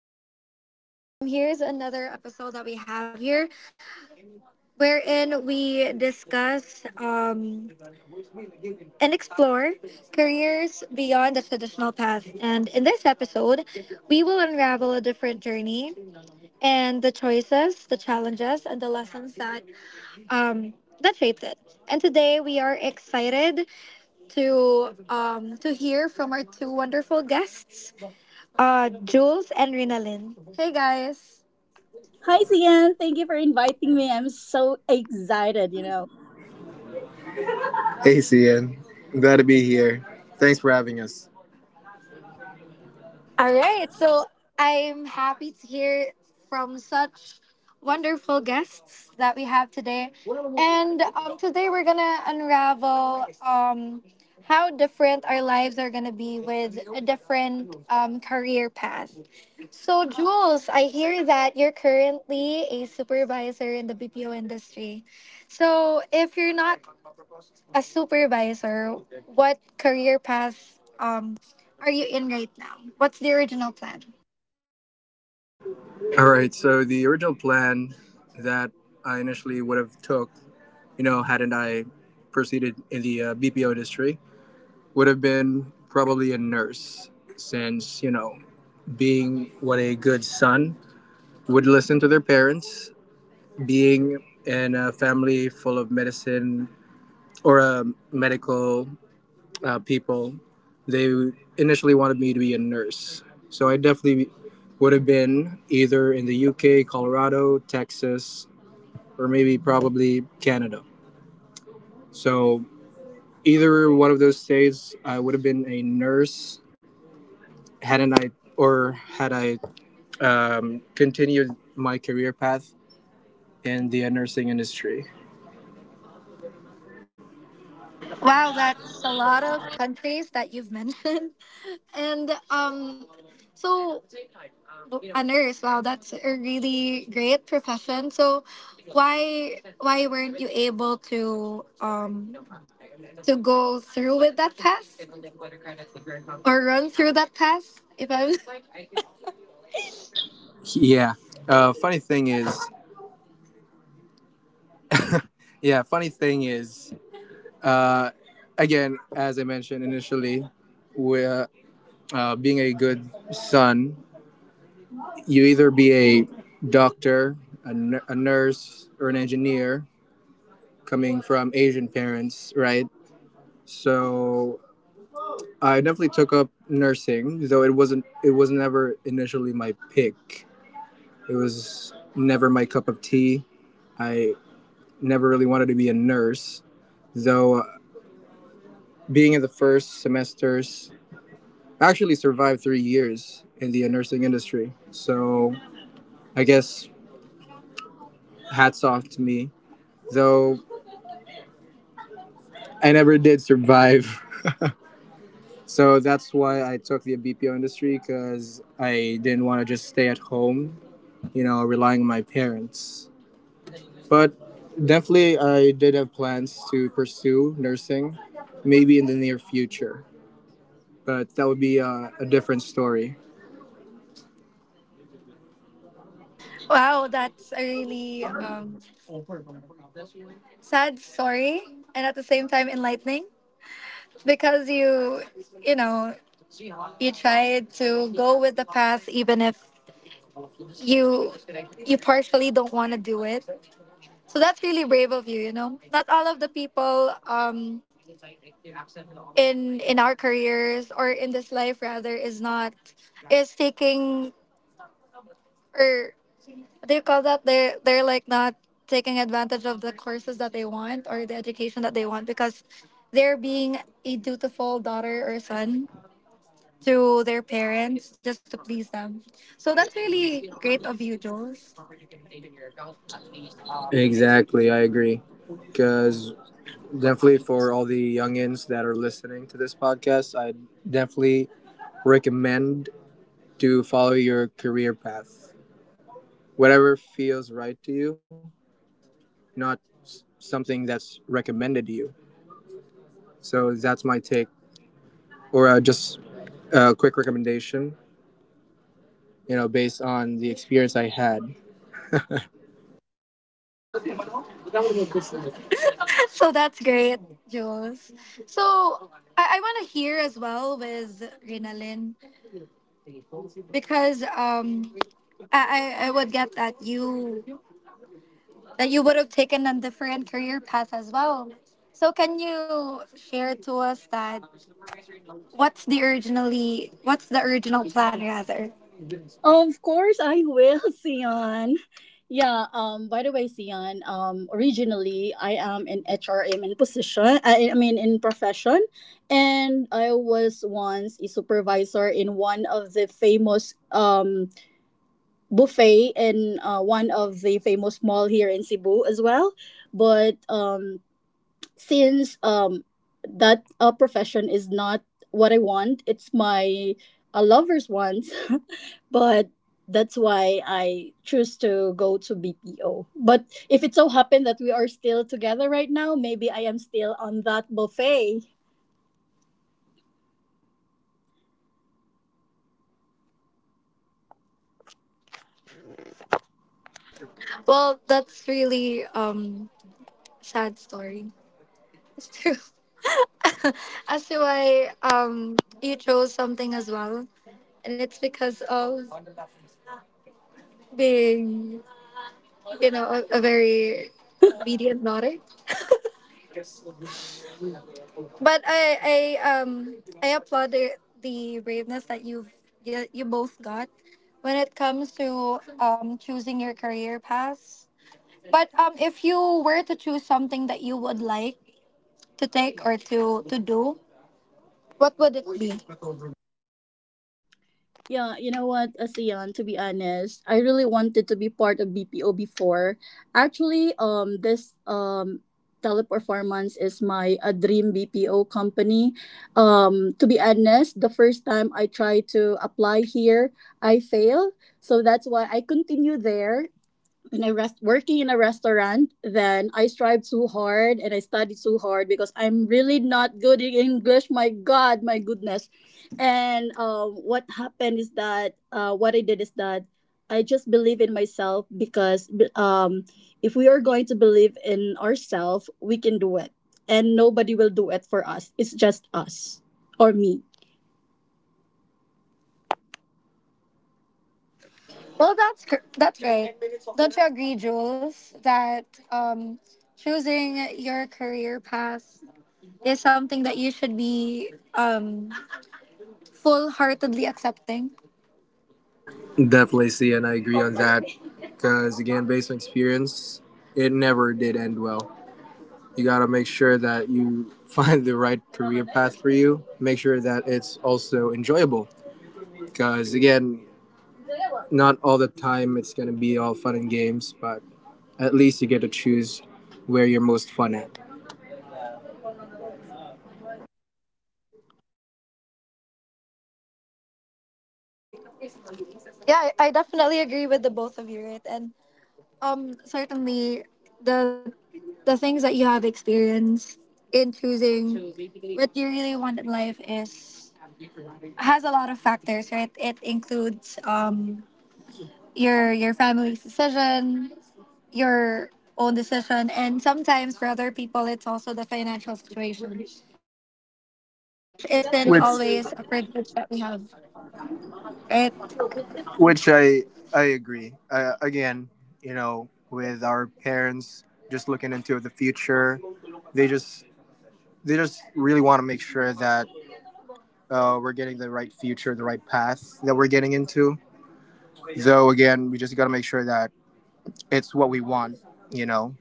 Hello, everyone. Here's another episode that we have here, wherein we discuss and explore careers beyond the traditional path. And in this episode, we will unravel a different journey and the choices, the challenges, and the lessons that um, that shaped it. And today, we are excited to to hear from our two wonderful guests, Jules and Rinalyn. Hey, guys. Hey, CN. Am glad to be here. Thanks for having us. All right. So I'm happy to hear from such wonderful guests that we have today. And today we're going to unravel how different our lives are going to be with a different career path. So, Jules, I hear that you're currently a supervisor in the BPO industry. So, if you're not as supervisor, what career path are you in right now? What's the original plan? All right. So the original plan that I initially would have took, you know, hadn't I proceeded in the BPO industry, would have been probably a nurse, since you know, being what a good son would listen to their parents, being in a family full of medicine or a medical people, they initially wanted me to be a nurse. So I definitely would have been either in the UK, Colorado, Texas, or maybe probably Canada. So either one of those states, I would have been a nurse hadn't I or had I continued my career path in the nursing industry. Wow, that's a lot of countries that you've mentioned. And so, a nurse, wow, that's a really great profession. So, why weren't you able to to go through with that path or run through that path? If I'm Yeah. Uh, funny thing is, yeah, funny thing is, again, as I mentioned initially, we being a good son, you either be a doctor, a, a nurse, or an engineer coming from Asian parents, right? So I definitely took up nursing, though it was never initially my pick. It was never my cup of tea. I never really wanted to be a nurse, though being in the first semesters, I actually survived 3 years in the nursing industry. So I guess hats off to me. So I never did survive. So that's why I took the BPO industry because I didn't want to just stay at home, you know, relying on my parents. But definitely, I did have plans to pursue nursing, maybe in the near future. But that would be a different story. wow, that's a really sad story, and at the same time enlightening, because you know you try to go with the path even if you partially don't want to do it. So that's really brave of you. You know, not all of the people in our careers or in this life rather is not is taking, or do you call that? They're like not taking advantage of the courses that they want or the education that they want because they're being a dutiful daughter or son to their parents just to please them. So that's really great of you, Jules. Exactly, I agree. Because definitely for all the youngins that are listening to this podcast, I definitely recommend to follow your career path. Whatever feels right to you, not something that's recommended to you. So that's my take, or just a quick recommendation, you know, based on the experience I had. So that's great, Jules. So I want to hear as well with Rinalyn, because I would get that you would have taken a different career path as well. So can you share to us that what's the originally, what's the original plan rather? Well, that's really sad story. It's true. As to why you chose something as well. And it's because of being, you know, a very obedient daughter. But um I applaud the braveness that you both got when it comes to choosing your career path. But if you were to choose something that you would like to take or to do, what would it be? Well, that's right. Don't you agree, Jules, that um choosing your career path is something that you should be full-heartedly accepting? Definitely see, and I agree on that. Because again, based on experience, it never did end well. You got to make sure that you find the right career path for you. Make sure that it's also enjoyable. Because again, not all the time it's going to be all fun and games, but at least you get to choose where you're most fun at. Yeah, I definitely agree with the both of you, right? And certainly the things that you have experienced in choosing what you really want in life is has a lot of factors, right? It includes your your family's decision, your own decision, and sometimes for other people, it's also the financial situation, which is which isn't always a which privilege that we have, right? which I agree. Again, you know, with our parents just looking into the future, they just they just really want to make sure that we're getting the right future, the right path that we're getting into. So again, we just got to make sure that it's what we want, you know.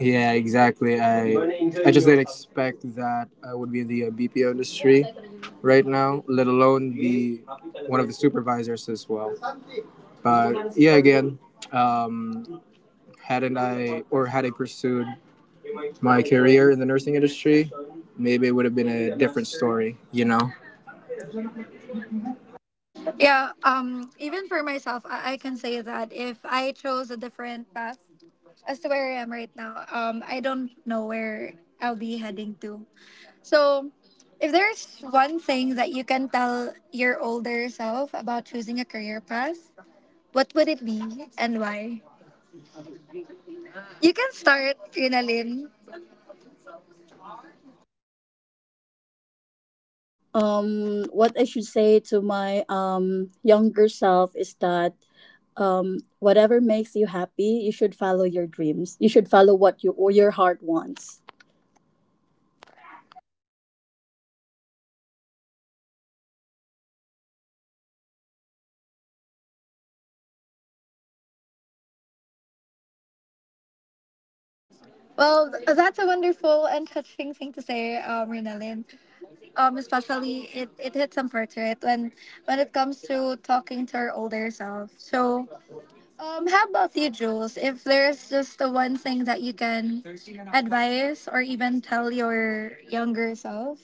Yeah, exactly. I just didn't expect that I would be in the BPO industry right now, let alone be one of the supervisors as well. But yeah, again, um, hadn't I or had I pursued my career in the nursing industry, maybe it would have been a different story. You know. Yeah, even for myself, I can say that if I chose a different path as to where I am right now, I don't know where I'll be heading to. So, if there's one thing that you can tell your older self about choosing a career path, what would it be and why? You can start, Rinalyn. Well, that's a wonderful and touching thing to say, Rinalyn. Especially it it hits some portrait when it comes to talking to our older self. So how about you, Jules? If there's just the one thing that you can advise or even tell your younger self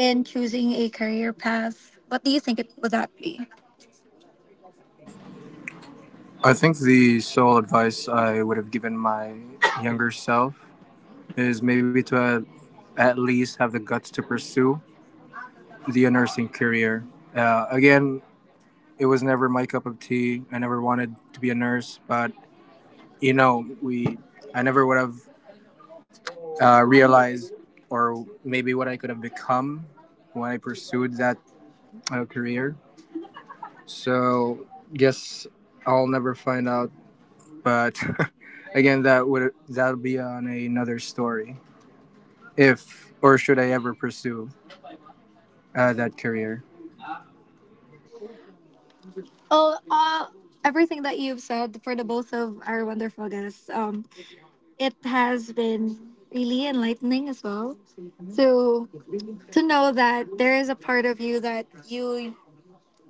in choosing a career path, what do you think it would that be? I think the sole advice I would have given my younger self is maybe to at least have the guts to pursue the nursing career. Again, it was never my cup of tea. I never wanted to be a nurse, but you know, we I never would have realized or maybe what I could have become when I pursued that career. So, guess I'll never find out, but again that'll be on another story if or should I ever pursue that career. Oh, everything that you've said for the both of our wonderful guests, it has been really enlightening as well. So to know that there is a part of you that you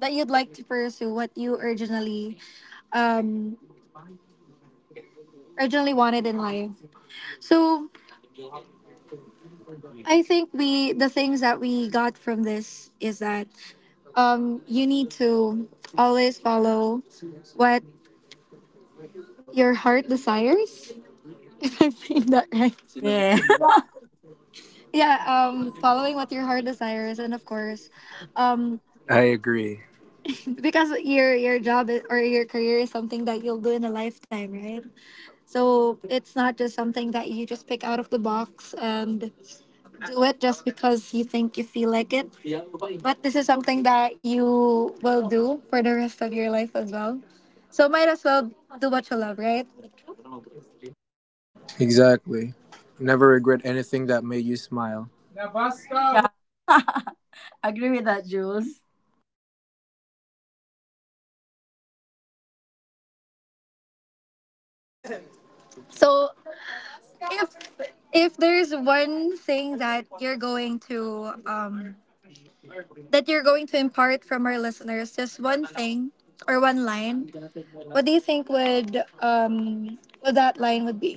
that you'd like to pursue what you originally um wanted in life. So I think we the things that we got from this is that you need to always follow what your heart desires. If I'm saying that right. Yeah, following what your heart desires, and of course um I agree. because your job or your career is something that you'll do in a lifetime, right? So it's not just something that you just pick out of the box and do it just because you think you feel like it. But this is something that you will do for the rest of your life as well. So might as well do what you love, right? Exactly. Never regret anything that made you smile. So if if there's one thing that you're going to impart from our listeners, just one thing or one line, what do you think would what that line would be?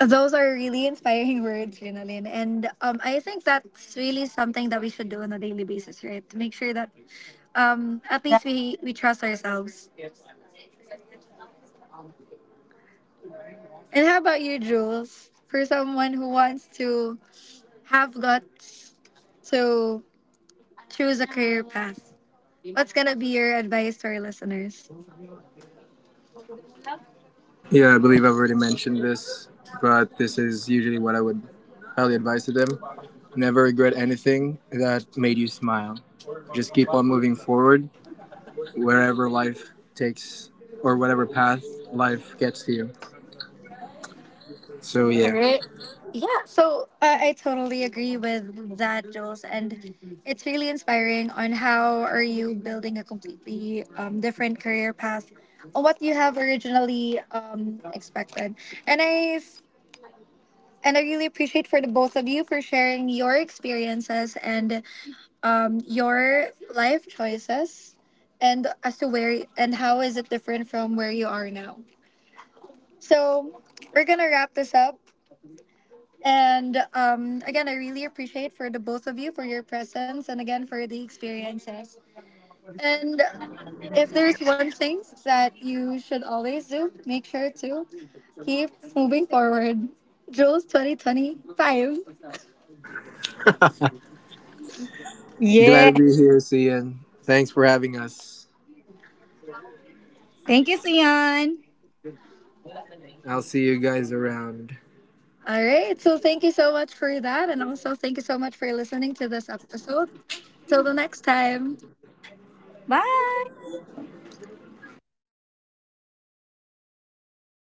Those are really inspiring words, Rinalyn. And I think that's really something that we should do on a daily basis, right? To make sure that at least we trust ourselves. And how about you, Jules? For someone who wants to have guts to choose a career path, what's going to be your advice to our listeners? Yeah, I believe I've already mentioned this, but this is usually what I would highly advise to them. Never regret anything that made you smile. Just keep on moving forward wherever life takes or whatever path life gets to you. So, All yeah. right. Yeah, so I totally agree with that, Jules. And it's really inspiring on how are you building a completely different career path on what you have originally expected. And I really appreciate for the both of you for sharing your experiences and your life choices and as to where and how is it different from where you are now. So we're gonna wrap this up. And again, I really appreciate for the both of you for your presence, and again for the experiences. And if there's one thing that you should always do, make sure to keep moving forward. Jules 2025. Glad to be here, Cian. Thanks for having us. I'll see you guys around. All right. So thank you so much for that. And also thank you so much for listening to this episode. Till the next time.